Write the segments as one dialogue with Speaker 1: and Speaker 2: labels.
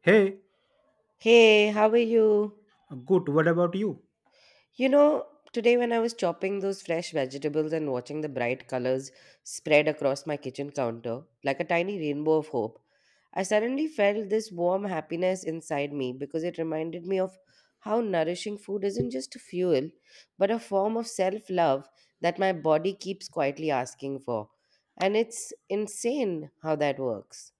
Speaker 1: Hey,
Speaker 2: Hey, how are you?
Speaker 1: good. What about you?
Speaker 2: You know, today when I was chopping those fresh vegetables and watching the bright colors spread across my kitchen counter like a tiny rainbow of hope, I suddenly felt this warm happiness inside me because it reminded me of how nourishing food isn't just a fuel, but a form of self love that my body keeps quietly asking for. And it's insane how that works.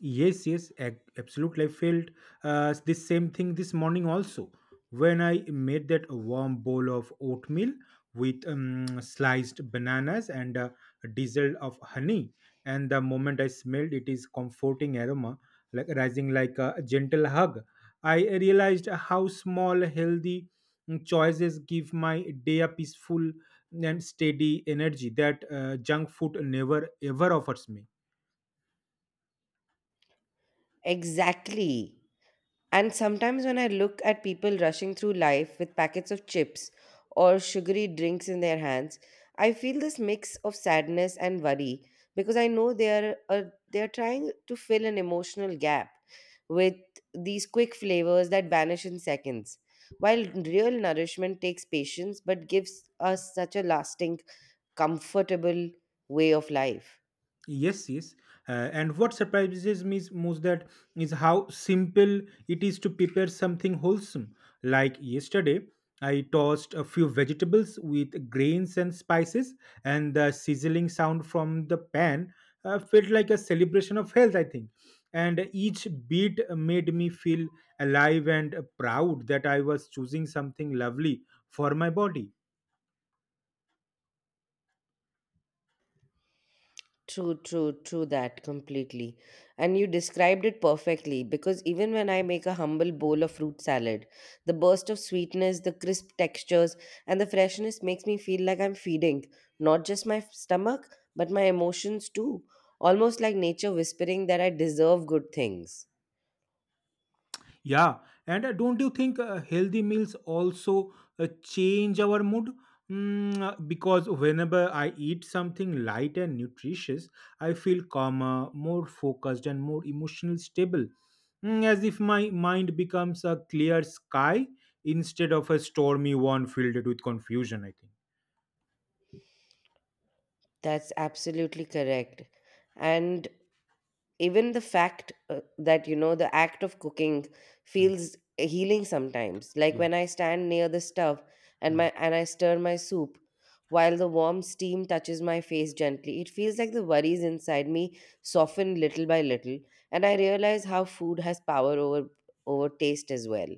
Speaker 1: Yes, yes, absolutely. I felt the same thing this morning also when I made that warm bowl of oatmeal with sliced bananas and a drizzle of honey. And the moment I smelled it is comforting aroma, like rising like a gentle hug. I realized how small, healthy choices give my day a peaceful and steady energy that junk food never ever offers me.
Speaker 2: Exactly. And sometimes when I look at people rushing through life with packets of chips or sugary drinks in their hands, I feel this mix of sadness and worry because I know they are trying to fill an emotional gap with these quick flavors that vanish in seconds. While real nourishment takes patience but gives us such a lasting, comfortable way of life.
Speaker 1: Yes, yes. And what surprises me is most that is how simple it is to prepare something wholesome. Like yesterday, I tossed a few vegetables with grains and spices, and the sizzling sound from the pan felt like a celebration of health, I think. And each bit made me feel alive and proud that I was choosing something lovely for my body.
Speaker 2: True, true, true that completely. And you described it perfectly because even when I make a humble bowl of fruit salad, the burst of sweetness, the crisp textures, and the freshness makes me feel like I'm feeding not just my stomach, but my emotions too. Almost like nature whispering that I deserve good things.
Speaker 1: Yeah, and don't you think healthy meals also change our mood? Because whenever I eat something light and nutritious, I feel calmer, more focused, and more emotionally stable. As if my mind becomes a clear sky instead of a stormy one filled with confusion, I think.
Speaker 2: That's absolutely correct. And even the fact that, you know, the act of cooking
Speaker 1: Mm.
Speaker 2: feels healing sometimes, like
Speaker 1: Yeah.
Speaker 2: when I stand near the stove and
Speaker 1: Mm.
Speaker 2: my and I stir my soup while the warm steam touches my face gently. It feels like the worries inside me soften little by little, and I realize how food has power over taste as well.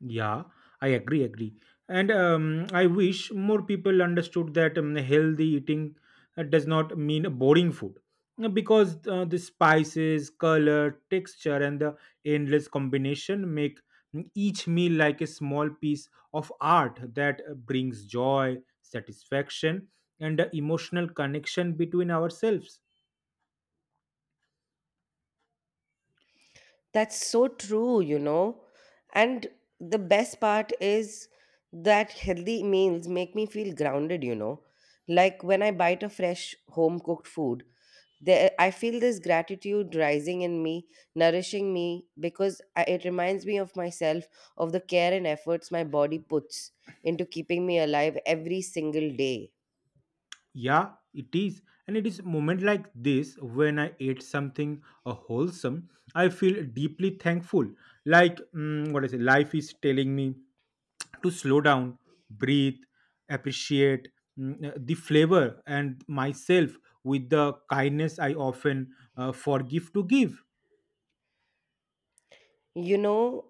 Speaker 1: Yeah, I agree. And I wish more people understood that healthy eating does not mean boring food. Because the spices, color, texture, and the endless combination make each meal like a small piece of art that brings joy, satisfaction, and emotional connection between ourselves.
Speaker 2: That's so true, you know. And the best part is that healthy meals make me feel grounded, you know. Like when I bite a fresh home cooked food, there I feel this gratitude rising in me, nourishing me because it reminds me of myself, of the care and efforts my body puts into keeping me alive every single day.
Speaker 1: Yeah, it is. And it is moment like this when I ate something wholesome, I feel deeply thankful. Like what I say, life is telling me to slow down, breathe, appreciate the flavor and myself with the kindness I often forgive to give.
Speaker 2: You know,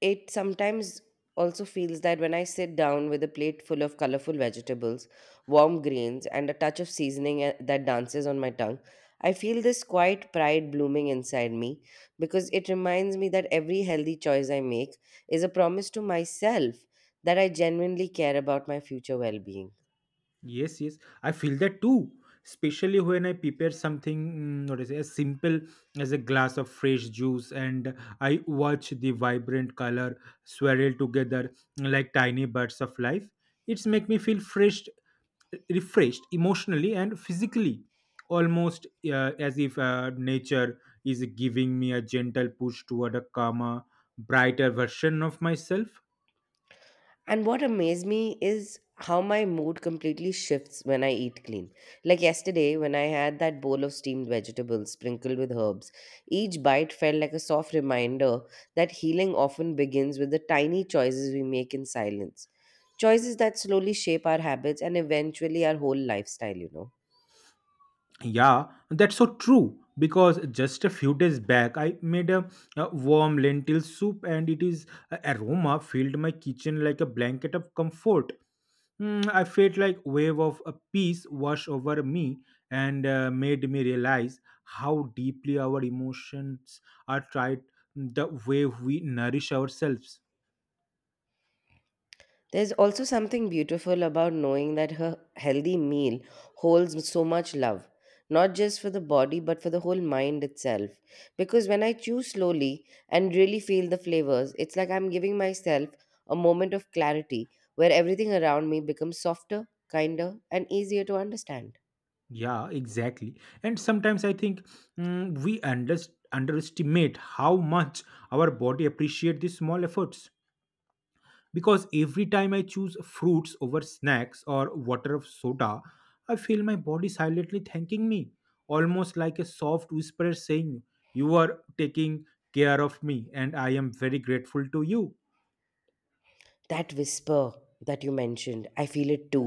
Speaker 2: it sometimes also feels that when I sit down with a plate full of colorful vegetables, warm grains, and a touch of seasoning, eh, that dances on my tongue, I feel this quiet pride blooming inside me because it reminds me that every healthy choice I make is a promise to myself that I genuinely care about my future well being.
Speaker 1: Yes, yes, I feel that too. Especially when I prepare something, what is it, as simple as a glass of fresh juice, and I watch the vibrant color swirl together like tiny birds of life. It's make me feel fresh, refreshed emotionally and physically, almost as if nature is giving me a gentle push toward a calmer, brighter version of myself.
Speaker 2: And what amazed me is how my mood completely shifts when I eat clean. Like yesterday, when I had that bowl of steamed vegetables sprinkled with herbs, each bite felt like a soft reminder that healing often begins with the tiny choices we make in silence. Choices that slowly shape our habits and eventually our whole lifestyle, you know.
Speaker 1: Yeah, that's so true. Because just a few days back, I made a warm lentil soup, and it is a aroma filled my kitchen like a blanket of comfort. I felt like wave of a peace wash over me and made me realize how deeply our emotions are tried the way we nourish ourselves.
Speaker 2: There's also something beautiful about knowing that her healthy meal holds so much love, not just for the body but for the whole mind itself. Because when I chew slowly and really feel the flavors, it's like I'm giving myself a moment of clarity where everything around me becomes softer, kinder, and easier to understand.
Speaker 1: Yeah, exactly. And sometimes I think mm, we under- underestimate how much our body appreciate these small efforts. Because every time I choose fruits over snacks or water of soda, I feel my body silently thanking me, almost like a soft whisper saying, "You are taking care of me, and I am very grateful to you."
Speaker 2: That whisper that you mentioned, I feel it too,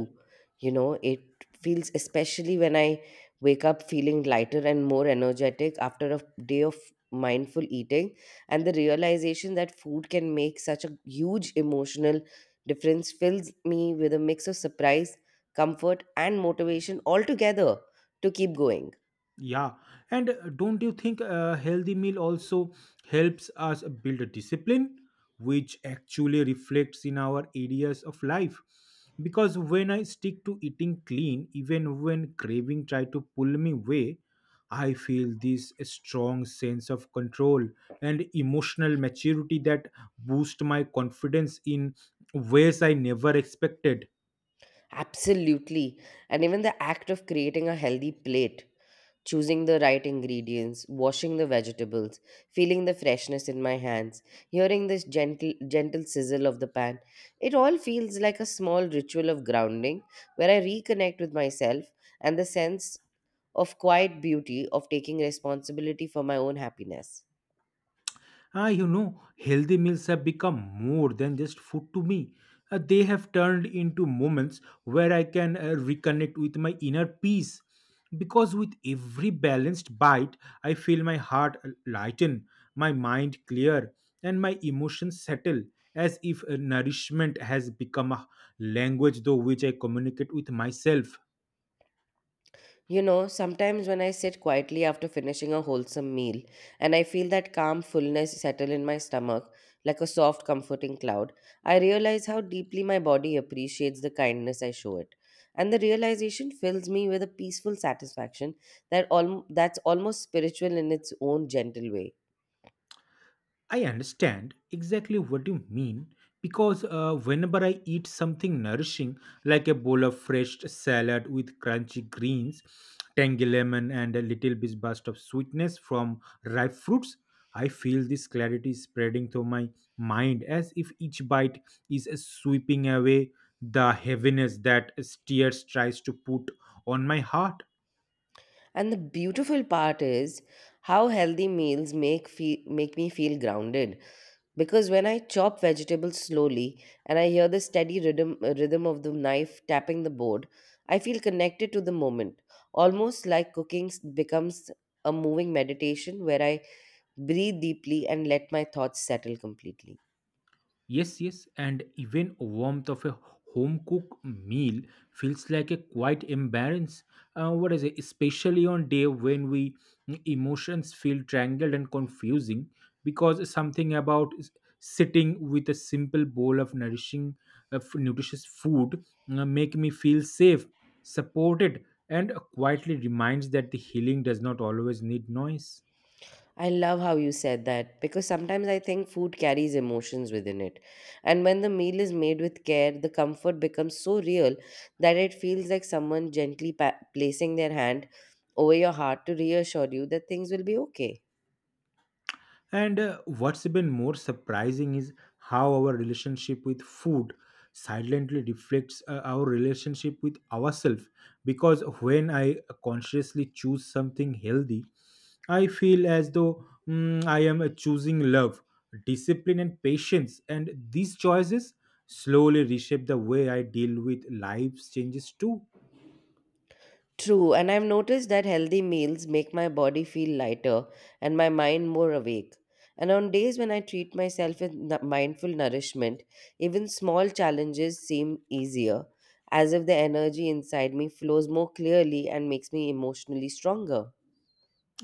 Speaker 2: you know. It feels especially when I wake up feeling lighter and more energetic after a day of mindful eating, and the realization that food can make such a huge emotional difference fills me with a mix of surprise, comfort, and motivation altogether to keep going.
Speaker 1: Yeah, and don't you think a healthy meal also helps us build a discipline, which actually reflects in our areas of life? Because when I stick to eating clean, even when craving try to pull me away, I feel this strong sense of control and emotional maturity that boost my confidence in ways I never expected.
Speaker 2: Absolutely. And even the act of creating a healthy plate, choosing the right ingredients, washing the vegetables, feeling the freshness in my hands, hearing this gentle sizzle of the pan. It all feels like a small ritual of grounding where I reconnect with myself and the sense of quiet beauty of taking responsibility for my own happiness.
Speaker 1: Ah, you know, healthy meals have become more than just food to me. They have turned into moments where I can reconnect with my inner peace. Because with every balanced bite, I feel my heart ah, lighten, my mind clear, and my emotions settle, as if nourishment has become a language through which I communicate with myself.
Speaker 2: You know, sometimes when I sit quietly after finishing a wholesome meal and I feel that calm fullness settle in my stomach like a soft, comforting cloud, I realize how deeply my body appreciates the kindness I show it. And the realization fills me with a peaceful satisfaction that's almost spiritual in its own gentle way.
Speaker 1: I understand exactly what you mean because whenever I eat something nourishing, like a bowl of fresh salad with crunchy greens, tangy lemon, and a little bit burst of sweetness from ripe fruits, I feel this clarity spreading through my mind as if each bite is sweeping away the heaviness that Steers tries to put on my heart.
Speaker 2: And the beautiful part is how healthy meals make me feel grounded, because when I chop vegetables slowly and I hear the steady rhythm of the knife tapping the board, I feel connected to the moment, almost like becomes a moving meditation where I breathe deeply and let my thoughts settle completely.
Speaker 1: Yes, yes, and even warmth of a home cooked meal feels like a quite embarrass. What is it? Especially on day when we emotions feel tangled and confusing, because something about sitting with a simple bowl of nutritious food make me feel safe, supported, and quietly reminds that the healing does not always need noise.
Speaker 2: I love how you said that because sometimes I think food carries emotions within it. And when the meal is made with care, the comfort becomes so real that it feels like someone gently placing their hand over your heart to reassure you that things will be okay.
Speaker 1: And what's even more surprising is how our relationship with food silently reflects our relationship with ourselves. Because when I consciously choose something healthy, I feel as though I am choosing love, discipline, and patience. And these choices slowly reshape the way I deal with life's changes too.
Speaker 2: True, and I've noticed that healthy meals make my body feel lighter and my mind more awake. And on days when I treat myself with mindful nourishment, even small challenges seem easier, as if the energy inside me flows more clearly and makes me emotionally stronger.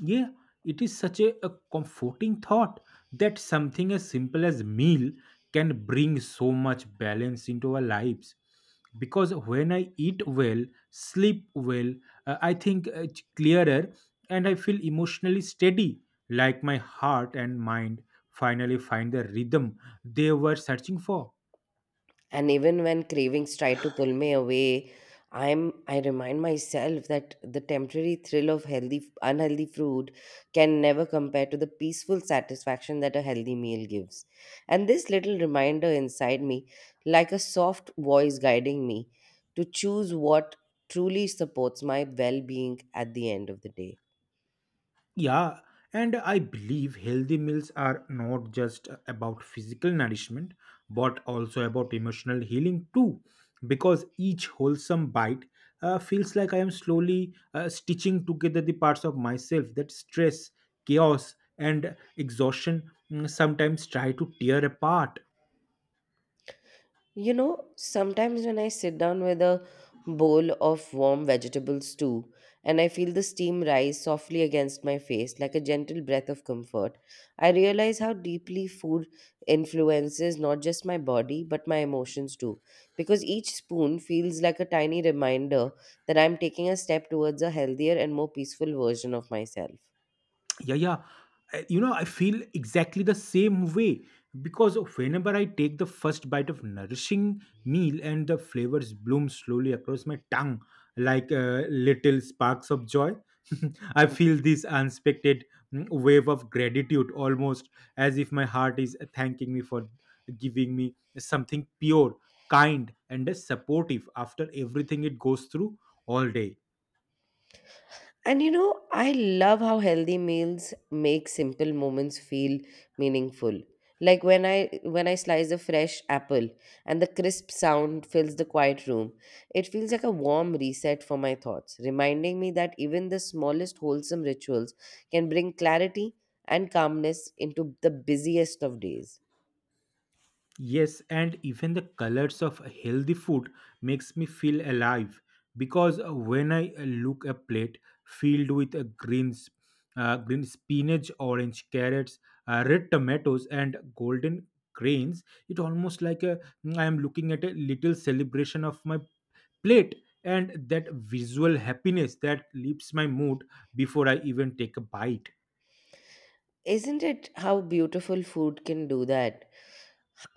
Speaker 1: Yeah, it is such a comforting thought that something as simple as meal can bring so much balance into our lives. Because when I eat well, sleep well, I think it's clearer and I feel emotionally steady, like my heart and mind finally find the rhythm they were searching for.
Speaker 2: And even when cravings try to pull me away, I'm I remind myself that the temporary thrill of healthy unhealthy food can never compare to the peaceful satisfaction that a healthy meal gives. And this little reminder inside me, like a soft voice guiding me to choose what truly supports my well-being at the end of the day.
Speaker 1: Yeah, and I believe healthy meals are not just about physical nourishment, but also about emotional healing too. Because each wholesome bite feels like I am slowly stitching together the parts of myself that stress, chaos, and exhaustion sometimes try to tear apart.
Speaker 2: You know, sometimes when I sit down with a bowl of warm vegetable stew and I feel the steam rise softly against my face like a gentle breath of comfort, I realize how deeply food influences not just my body but my emotions too. Because each spoon feels like a tiny reminder that I'm taking a step towards a healthier and more peaceful version of myself.
Speaker 1: Yeah, yeah, you know, I feel exactly the same way because whenever I take the first bite of nourishing meal and the flavors bloom slowly across my tongue like little sparks of joy I feel this unexpected wave of gratitude, almost as if my heart is thanking me for giving me something pure, kind, and supportive after everything it goes through all day.
Speaker 2: And you know, I love how healthy meals make simple moments feel meaningful. Like when I slice a fresh apple and the crisp sound fills the quiet room, it feels like a warm reset for my thoughts, reminding me that even the smallest wholesome rituals can bring clarity and calmness into the busiest of days.
Speaker 1: Yes, and even the colors of healthy food makes me feel alive because when I look a plate filled with greens, green spinach, orange carrots, red tomatoes, and golden grains, it almost like a, I am looking at a little celebration of my plate and that visual happiness that lifts my mood before I even take a bite.
Speaker 2: Isn't it how beautiful food can do that?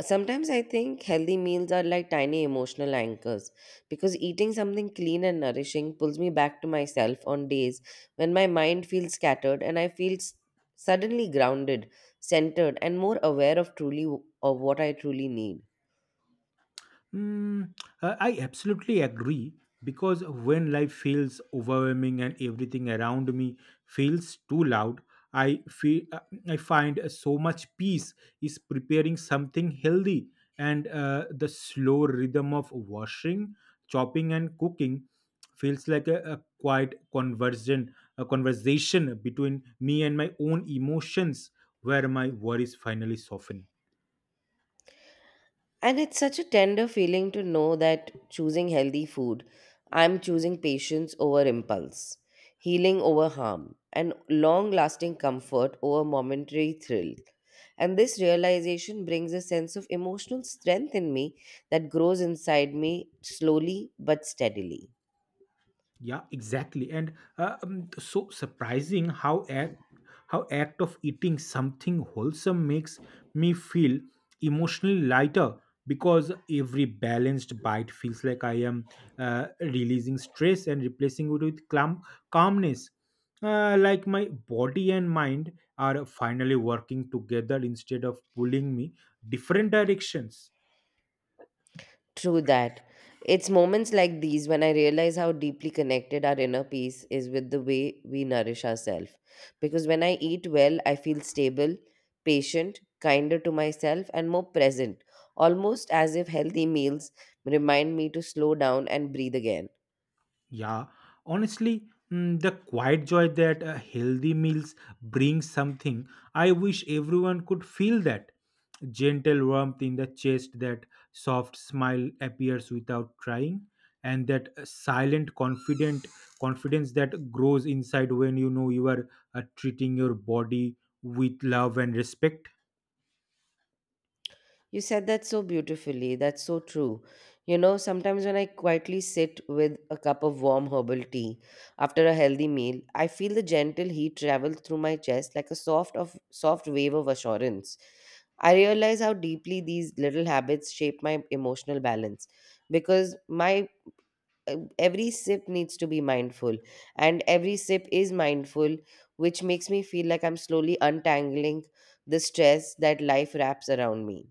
Speaker 2: Sometimes I think healthy meals are like tiny emotional anchors because eating something clean and nourishing pulls me back to myself on days when my mind feels scattered and I feel suddenly grounded, centered, and more aware of of what I truly need.
Speaker 1: Mm, I absolutely agree because when life feels overwhelming and everything around me feels too loud, I feel uh, I find so much peace is preparing something healthy and the slow rhythm of washing, chopping, and cooking feels like a quiet conversion, a conversation between me and my own emotions, where my worries finally soften.
Speaker 2: And it's such a tender feeling to know that choosing healthy food, I'm choosing patience over impulse, healing over harm, and long lasting comfort over momentary thrill. And this realization brings a sense of emotional strength in me that grows inside me slowly but steadily.
Speaker 1: Yeah, exactly. And so surprising how act of eating something wholesome makes me feel emotionally lighter because every balanced bite feels like I am releasing stress and replacing it with calmness. Like my body and mind are finally working together instead of pulling me different directions.
Speaker 2: True that. It's moments like these when I realize how deeply connected our inner peace is with the way we nourish ourselves. Because when I eat well, I feel stable, patient, kinder to myself, and more present, almost as if healthy meals remind me to slow down and breathe again.
Speaker 1: Yeah, honestly, the quiet joy that healthy meals brings something. I wish everyone could feel that gentle warmth in the chest, that soft smile appears without trying, and that silent, confident confidence that grows inside when you know you are treating your body with love and respect.
Speaker 2: You said that so beautifully. That's so true. You know, sometimes when I quietly sit with a cup of warm herbal tea after a healthy meal, I feel the gentle heat travel through my chest like a soft of soft wave of assurance. I realize how deeply these little habits shape my emotional balance because my every sip needs to be mindful and every sip is mindful, which makes me feel like I'm slowly untangling the stress that life wraps around me.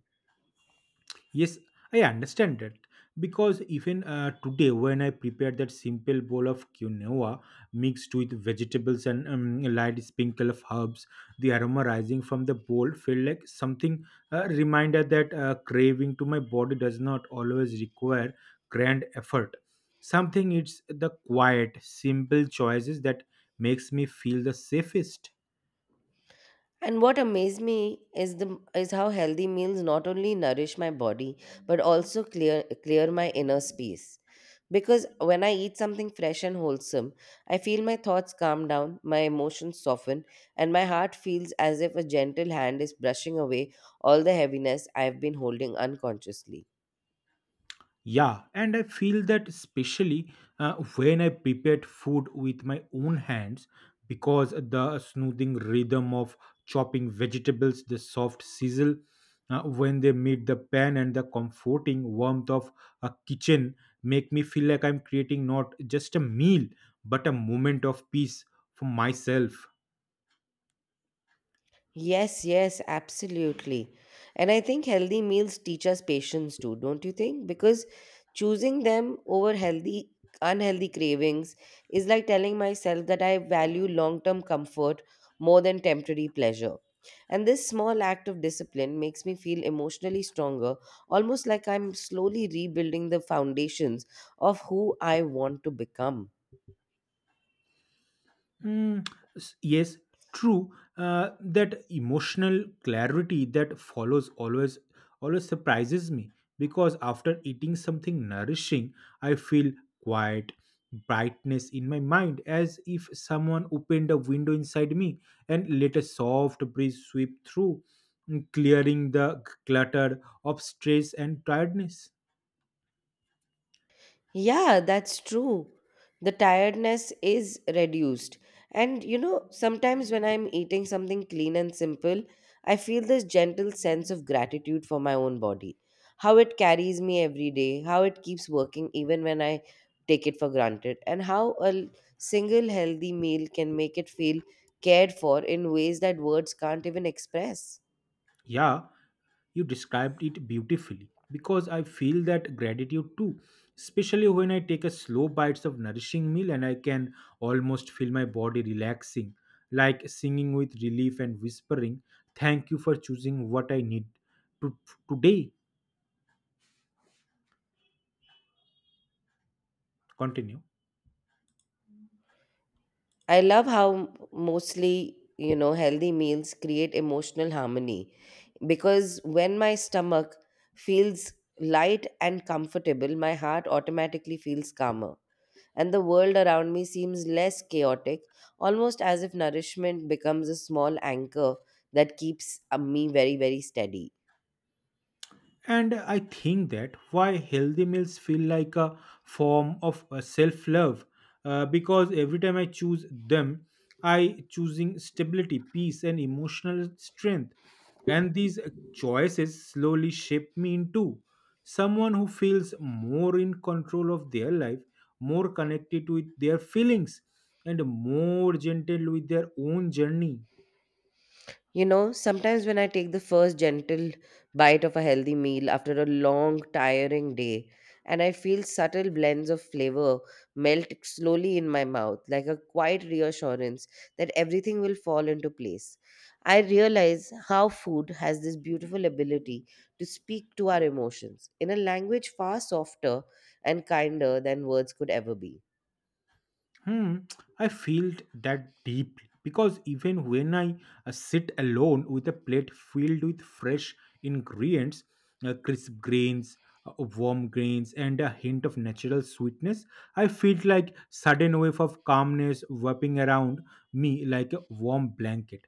Speaker 1: Yes, I understand that because even today, when I prepared that simple bowl of quinoa mixed with vegetables and light sprinkle of herbs, the aroma rising from the bowl felt like something a reminder that craving to my body does not always require grand effort. Something it's the quiet, simple choices that makes me feel the safest.
Speaker 2: And what amazed me is the is how healthy meals not only nourish my body but also clear my inner space. Because when I eat something fresh and wholesome, I feel my thoughts calm down, my emotions soften, and my heart feels as if a gentle hand is brushing away all the heaviness I have been holding unconsciously.
Speaker 1: Yeah, and I feel that especially when I prepared food with my own hands because the smoothing rhythm of chopping vegetables, the soft sizzle when they meet the pan, and the comforting warmth of a kitchen make me feel like I'm creating not just a meal but a moment of peace for myself.
Speaker 2: Yes, yes, absolutely. And I think healthy meals teach us patience too, don't you think? Because choosing them over healthy, unhealthy cravings is like telling myself that I value long term comfort more than temporary pleasure. And this small act of discipline makes me feel emotionally stronger, almost like I'm slowly rebuilding the foundations of who I want to become.
Speaker 1: Mm, yes, true. That emotional clarity that follows always surprises me because after eating something nourishing, I feel quiet brightness in my mind as if someone opened a window inside me and let a soft breeze sweep through, clearing the clutter of stress and tiredness.
Speaker 2: Yeah, that's true. The tiredness is reduced. And you know, sometimes when I'm eating something clean and simple, I feel this gentle sense of gratitude for my own body. How it carries me every day, how it keeps working even when I take it for granted, and how single healthy meal can make it feel cared for in ways that words can't even express.
Speaker 1: Yeah, you described it beautifully because I feel that gratitude too, especially when I take a slow bites of nourishing meal and I can almost feel my body relaxing, like singing with relief and whispering, thank you for choosing what I need to, today. Continue.
Speaker 2: I love how mostly, you know, healthy meals create emotional harmony because when my stomach feels light and comfortable, my heart automatically feels calmer. And the world around me seems less chaotic, almost as if nourishment becomes a small anchor that keeps me very, very steady.
Speaker 1: And I think that why healthy meals feel like a form of self love because every time I choose them, I choosing stability, peace, and emotional strength. And these choices slowly shape me into someone who feels more in control of their life, more connected with their feelings, and more gentle with their own journey.
Speaker 2: You know, sometimes when I take the first gentle bite of a healthy meal after a long, tiring day, and I feel subtle blends of flavor melt slowly in my mouth, like a quiet reassurance that everything will fall into place. I realize how food has this beautiful ability to speak to our emotions in a language far softer and kinder than words could ever be.
Speaker 1: Hmm, I feel that deeply because even when I sit alone with a plate filled with fresh ingredients, uh, crisp grains, warm grains, and a hint of natural sweetness, I feel like sudden wave of calmness wrapping around me like a warm blanket,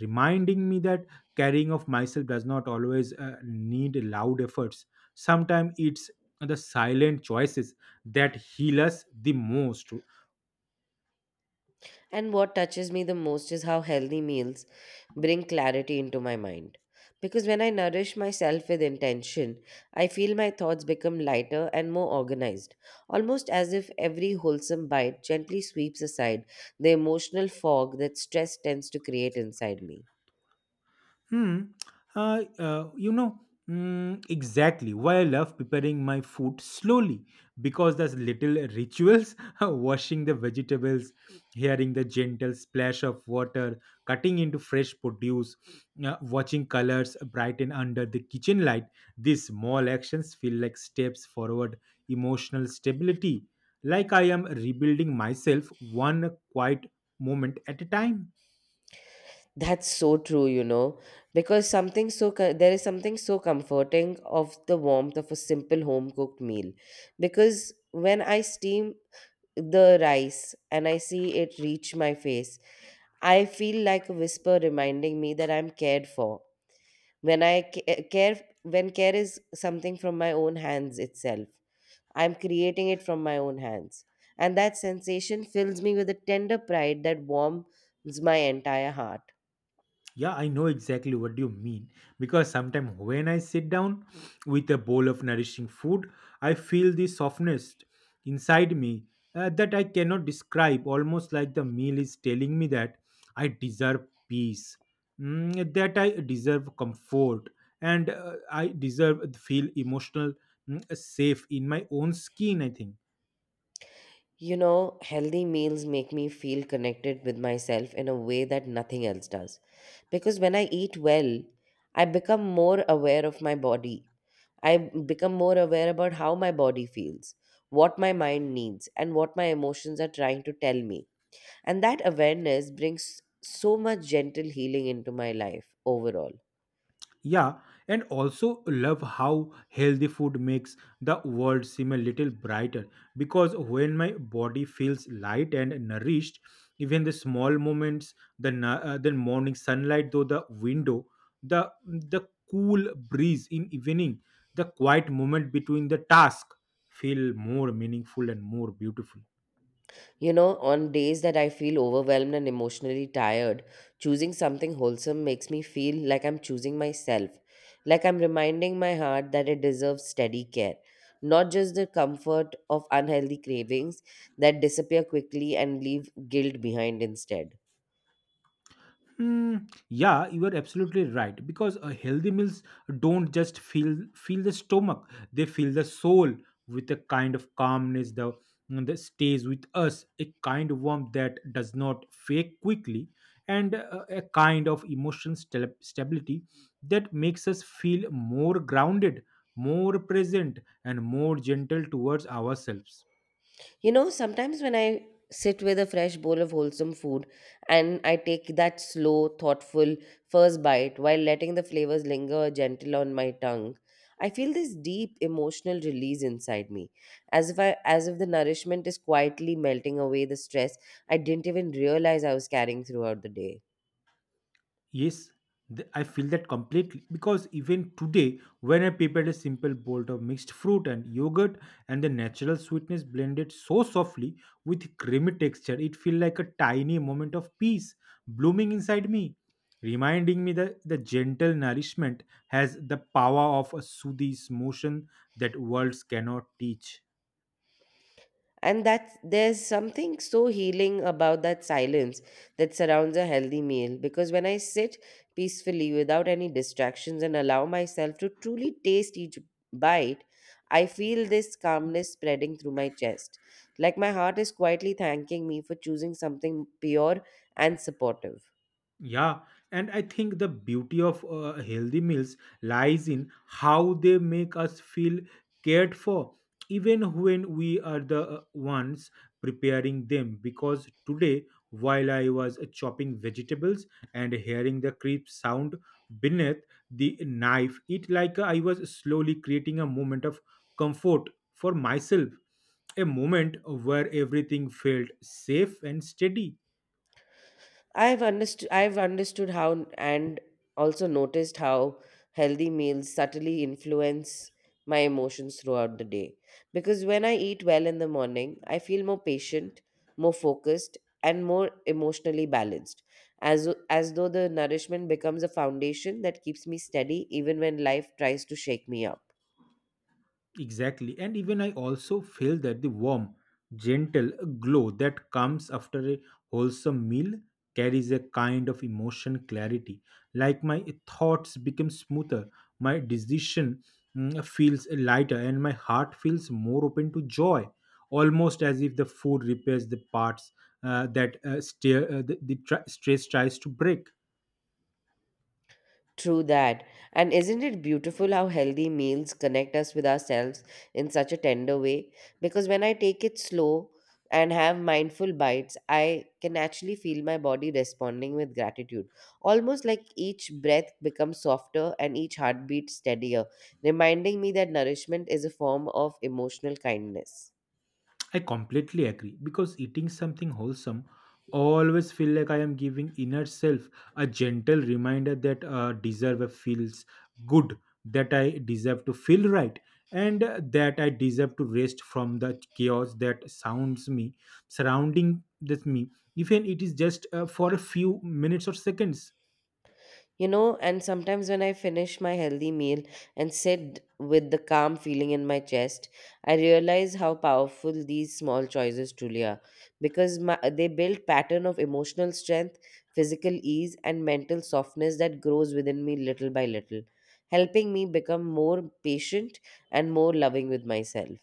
Speaker 1: reminding me that caring of myself does not always need loud efforts. Sometimes it's the silent choices that heal us the most.
Speaker 2: And what touches me the most is how healthy meals bring clarity into my mind. Because when I nourish myself with intention, I feel my thoughts become lighter and more organized, almost as if every wholesome bite gently sweeps aside the emotional fog that stress tends to create inside me.
Speaker 1: Hmm. Uh, uh, you know, exactly why I love preparing my food slowly because there's little rituals washing the vegetables, hearing the gentle splash of water, cutting into fresh produce, watching colors brighten under the kitchen light. These small actions feel like steps forward, emotional stability, like I am rebuilding myself one quiet moment at a time.
Speaker 2: That's so true, you know, because there is something so comforting of the warmth of a simple home cooked meal. Because when I steam the rice and I see it reach my face, I feel like a whisper reminding me that I'm cared for. When I ca- eh, care, when care is something from my own hands itself, I'm creating it from my own hands, and that sensation fills me with a tender pride that warms my entire heart.
Speaker 1: Yeah, I know exactly what you mean because sometimes when I sit down with a bowl of nourishing food, I feel the softness inside me, that I cannot describe, almost like the meal is telling me that I deserve peace, that I deserve comfort, and I deserve to feel emotional, safe in my own skin, I think.
Speaker 2: You know, healthy meals make me feel connected with myself in a way that nothing else does. Because when I eat well, I become more aware of my body I become more aware about how my body feels, what my mind needs, and what my emotions are trying to tell me. And that awareness brings so much gentle healing into my life overall.
Speaker 1: Yeah, and also love how healthy food makes the world seem a little brighter because when my body feels light and nourished, even the small moments, the morning sunlight through the window, the cool breeze in evening, the quiet moment between the task feel more meaningful and more beautiful.
Speaker 2: You know, on days that I feel overwhelmed and emotionally tired, choosing something wholesome makes me feel like I'm choosing myself, like I'm reminding my heart that it deserves steady care, not just the comfort of unhealthy cravings that disappear quickly and leave guilt behind instead.
Speaker 1: Hmm. Yeah, you are absolutely right because a healthy meals don't just feel the stomach; they feel the soul with a kind of calmness, that stays with us, a kind of warmth that does not fade quickly, and a kind of emotional stability that makes us feel more grounded, more present, and more gentle towards ourselves.
Speaker 2: You know, sometimes when I sit with a fresh bowl of wholesome food and I take that slow, thoughtful first bite while letting the flavors linger gentle on my tongue, I feel this deep emotional release inside me, as if the nourishment is quietly melting away the stress I didn't even realize I was carrying throughout the day.
Speaker 1: Yes, I feel that completely because even today, when I prepared a simple bowl of mixed fruit and yogurt, and the natural sweetness blended so softly with creamy texture, it felt like a tiny moment of peace blooming inside me, reminding me that the gentle nourishment has the power of a soothing motion that words cannot teach.
Speaker 2: And that there's something so healing about that silence that surrounds a healthy meal because when I sit peacefully without any distractions and allow myself to truly taste each bite, I feel this calmness spreading through my chest, like my heart is quietly thanking me for choosing something pure and supportive.
Speaker 1: Yeah, and I think the beauty of healthy meals lies in how they make us feel cared for, even when we are the ones preparing them. Because today, while I was chopping vegetables and hearing the crisp sound beneath the knife, it like I was slowly creating a moment of comfort for myself, a moment where everything felt safe and steady.
Speaker 2: I've understood how and also noticed how healthy meals subtly influence my emotions throughout the day. Because when I eat well in the morning, I feel more patient, more focused, and more emotionally balanced. As though the nourishment becomes a foundation that keeps me steady even when life tries to shake me up.
Speaker 1: Exactly. And even I also feel that the warm, gentle glow that comes after a wholesome meal carries a kind of emotion clarity. Like my thoughts become smoother, my decision, feels lighter, and my heart feels more open to joy. Almost as if the food repairs the parts, that steer, the tr- stress tries to break.
Speaker 2: True that. And isn't it beautiful how healthy meals connect us with ourselves in such a tender way? Because when I take it slow and have mindful bites, I can actually feel my body responding with gratitude. Almost like each breath becomes softer and each heartbeat steadier, reminding me that nourishment is a form of emotional kindness.
Speaker 1: I completely agree because eating something wholesome always feel like I am giving inner self a gentle reminder that deserve feels good, that I deserve to feel right, and that I deserve to rest from the chaos that sounds me surrounding this me, even it is just for a few minutes or seconds.
Speaker 2: You know, and sometimes when I finish my healthy meal and sit with the calm feeling in my chest, I realize how powerful these small choices truly are, because my, they build pattern of emotional strength, physical ease and mental softness that grows within me little by little, helping me become more patient and more loving with myself.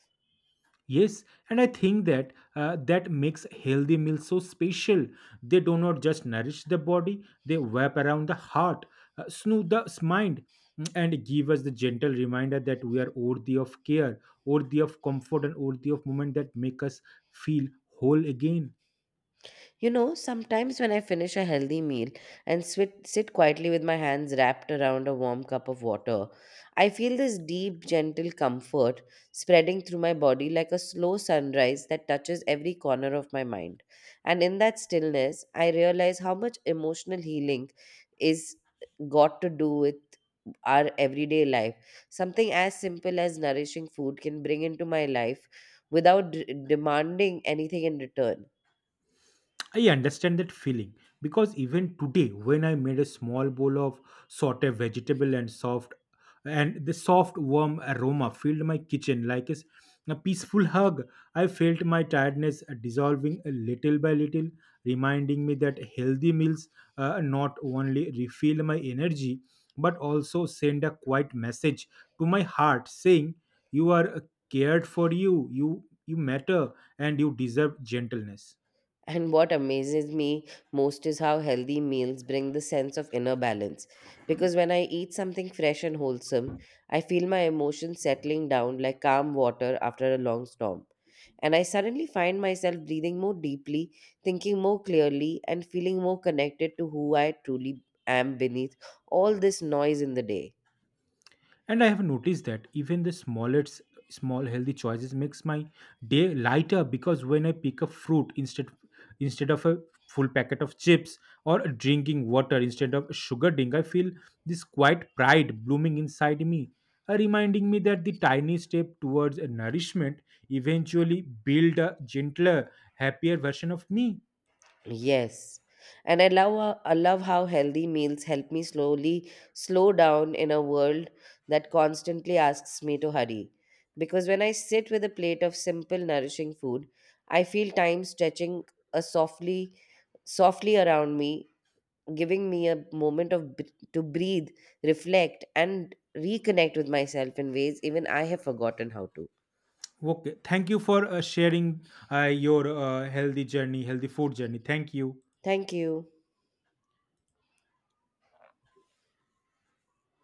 Speaker 1: Yes, and I think that that makes healthy meals so special. They do not just nourish the body; they wrap around the heart, soothe the mind, and give us the gentle reminder that we are worthy of care, worthy of comfort, and worthy of moment that make us feel whole again.
Speaker 2: You know, sometimes when I finish a healthy meal and sit quietly with my hands wrapped around a warm cup of water, I feel this deep, gentle comfort spreading through my body like a slow sunrise that touches every corner of my mind. And in that stillness, I realize how much emotional healing is got to do with our everyday life. Something as simple as nourishing food can bring into my life without demanding anything in return.
Speaker 1: I understand that feeling because even today, when I made a small bowl of sauté vegetable and soft, and the soft warm aroma filled my kitchen like a peaceful hug, I felt my tiredness dissolving little by little, reminding me that healthy meals not only refill my energy but also send a quiet message to my heart saying, "You are cared for. You matter, and you deserve gentleness."
Speaker 2: And what amazes me most is how healthy meals bring the sense of inner balance. Because when I eat something fresh and wholesome, I feel my emotions settling down like calm water after a long storm. And I suddenly find myself breathing more deeply, thinking more clearly, and feeling more connected to who I truly am beneath all this noise in the day.
Speaker 1: And I have noticed that even the small healthy choices makes my day lighter because when I pick a fruit instead of a full packet of chips or drinking water instead of sugar drink, I feel this quiet pride blooming inside me, reminding me that the tiny step towards a nourishment eventually build a gentler, happier version of me.
Speaker 2: Yes. And I love how healthy meals help me slowly slow down in a world that constantly asks me to hurry. Because when I sit with a plate of simple nourishing food, I feel time stretching a softly around me, giving me a moment of to breathe, reflect and reconnect with myself in ways even I have forgotten how to.
Speaker 1: Okay, thank you for sharing healthy food journey. Thank you.
Speaker 2: Thank you.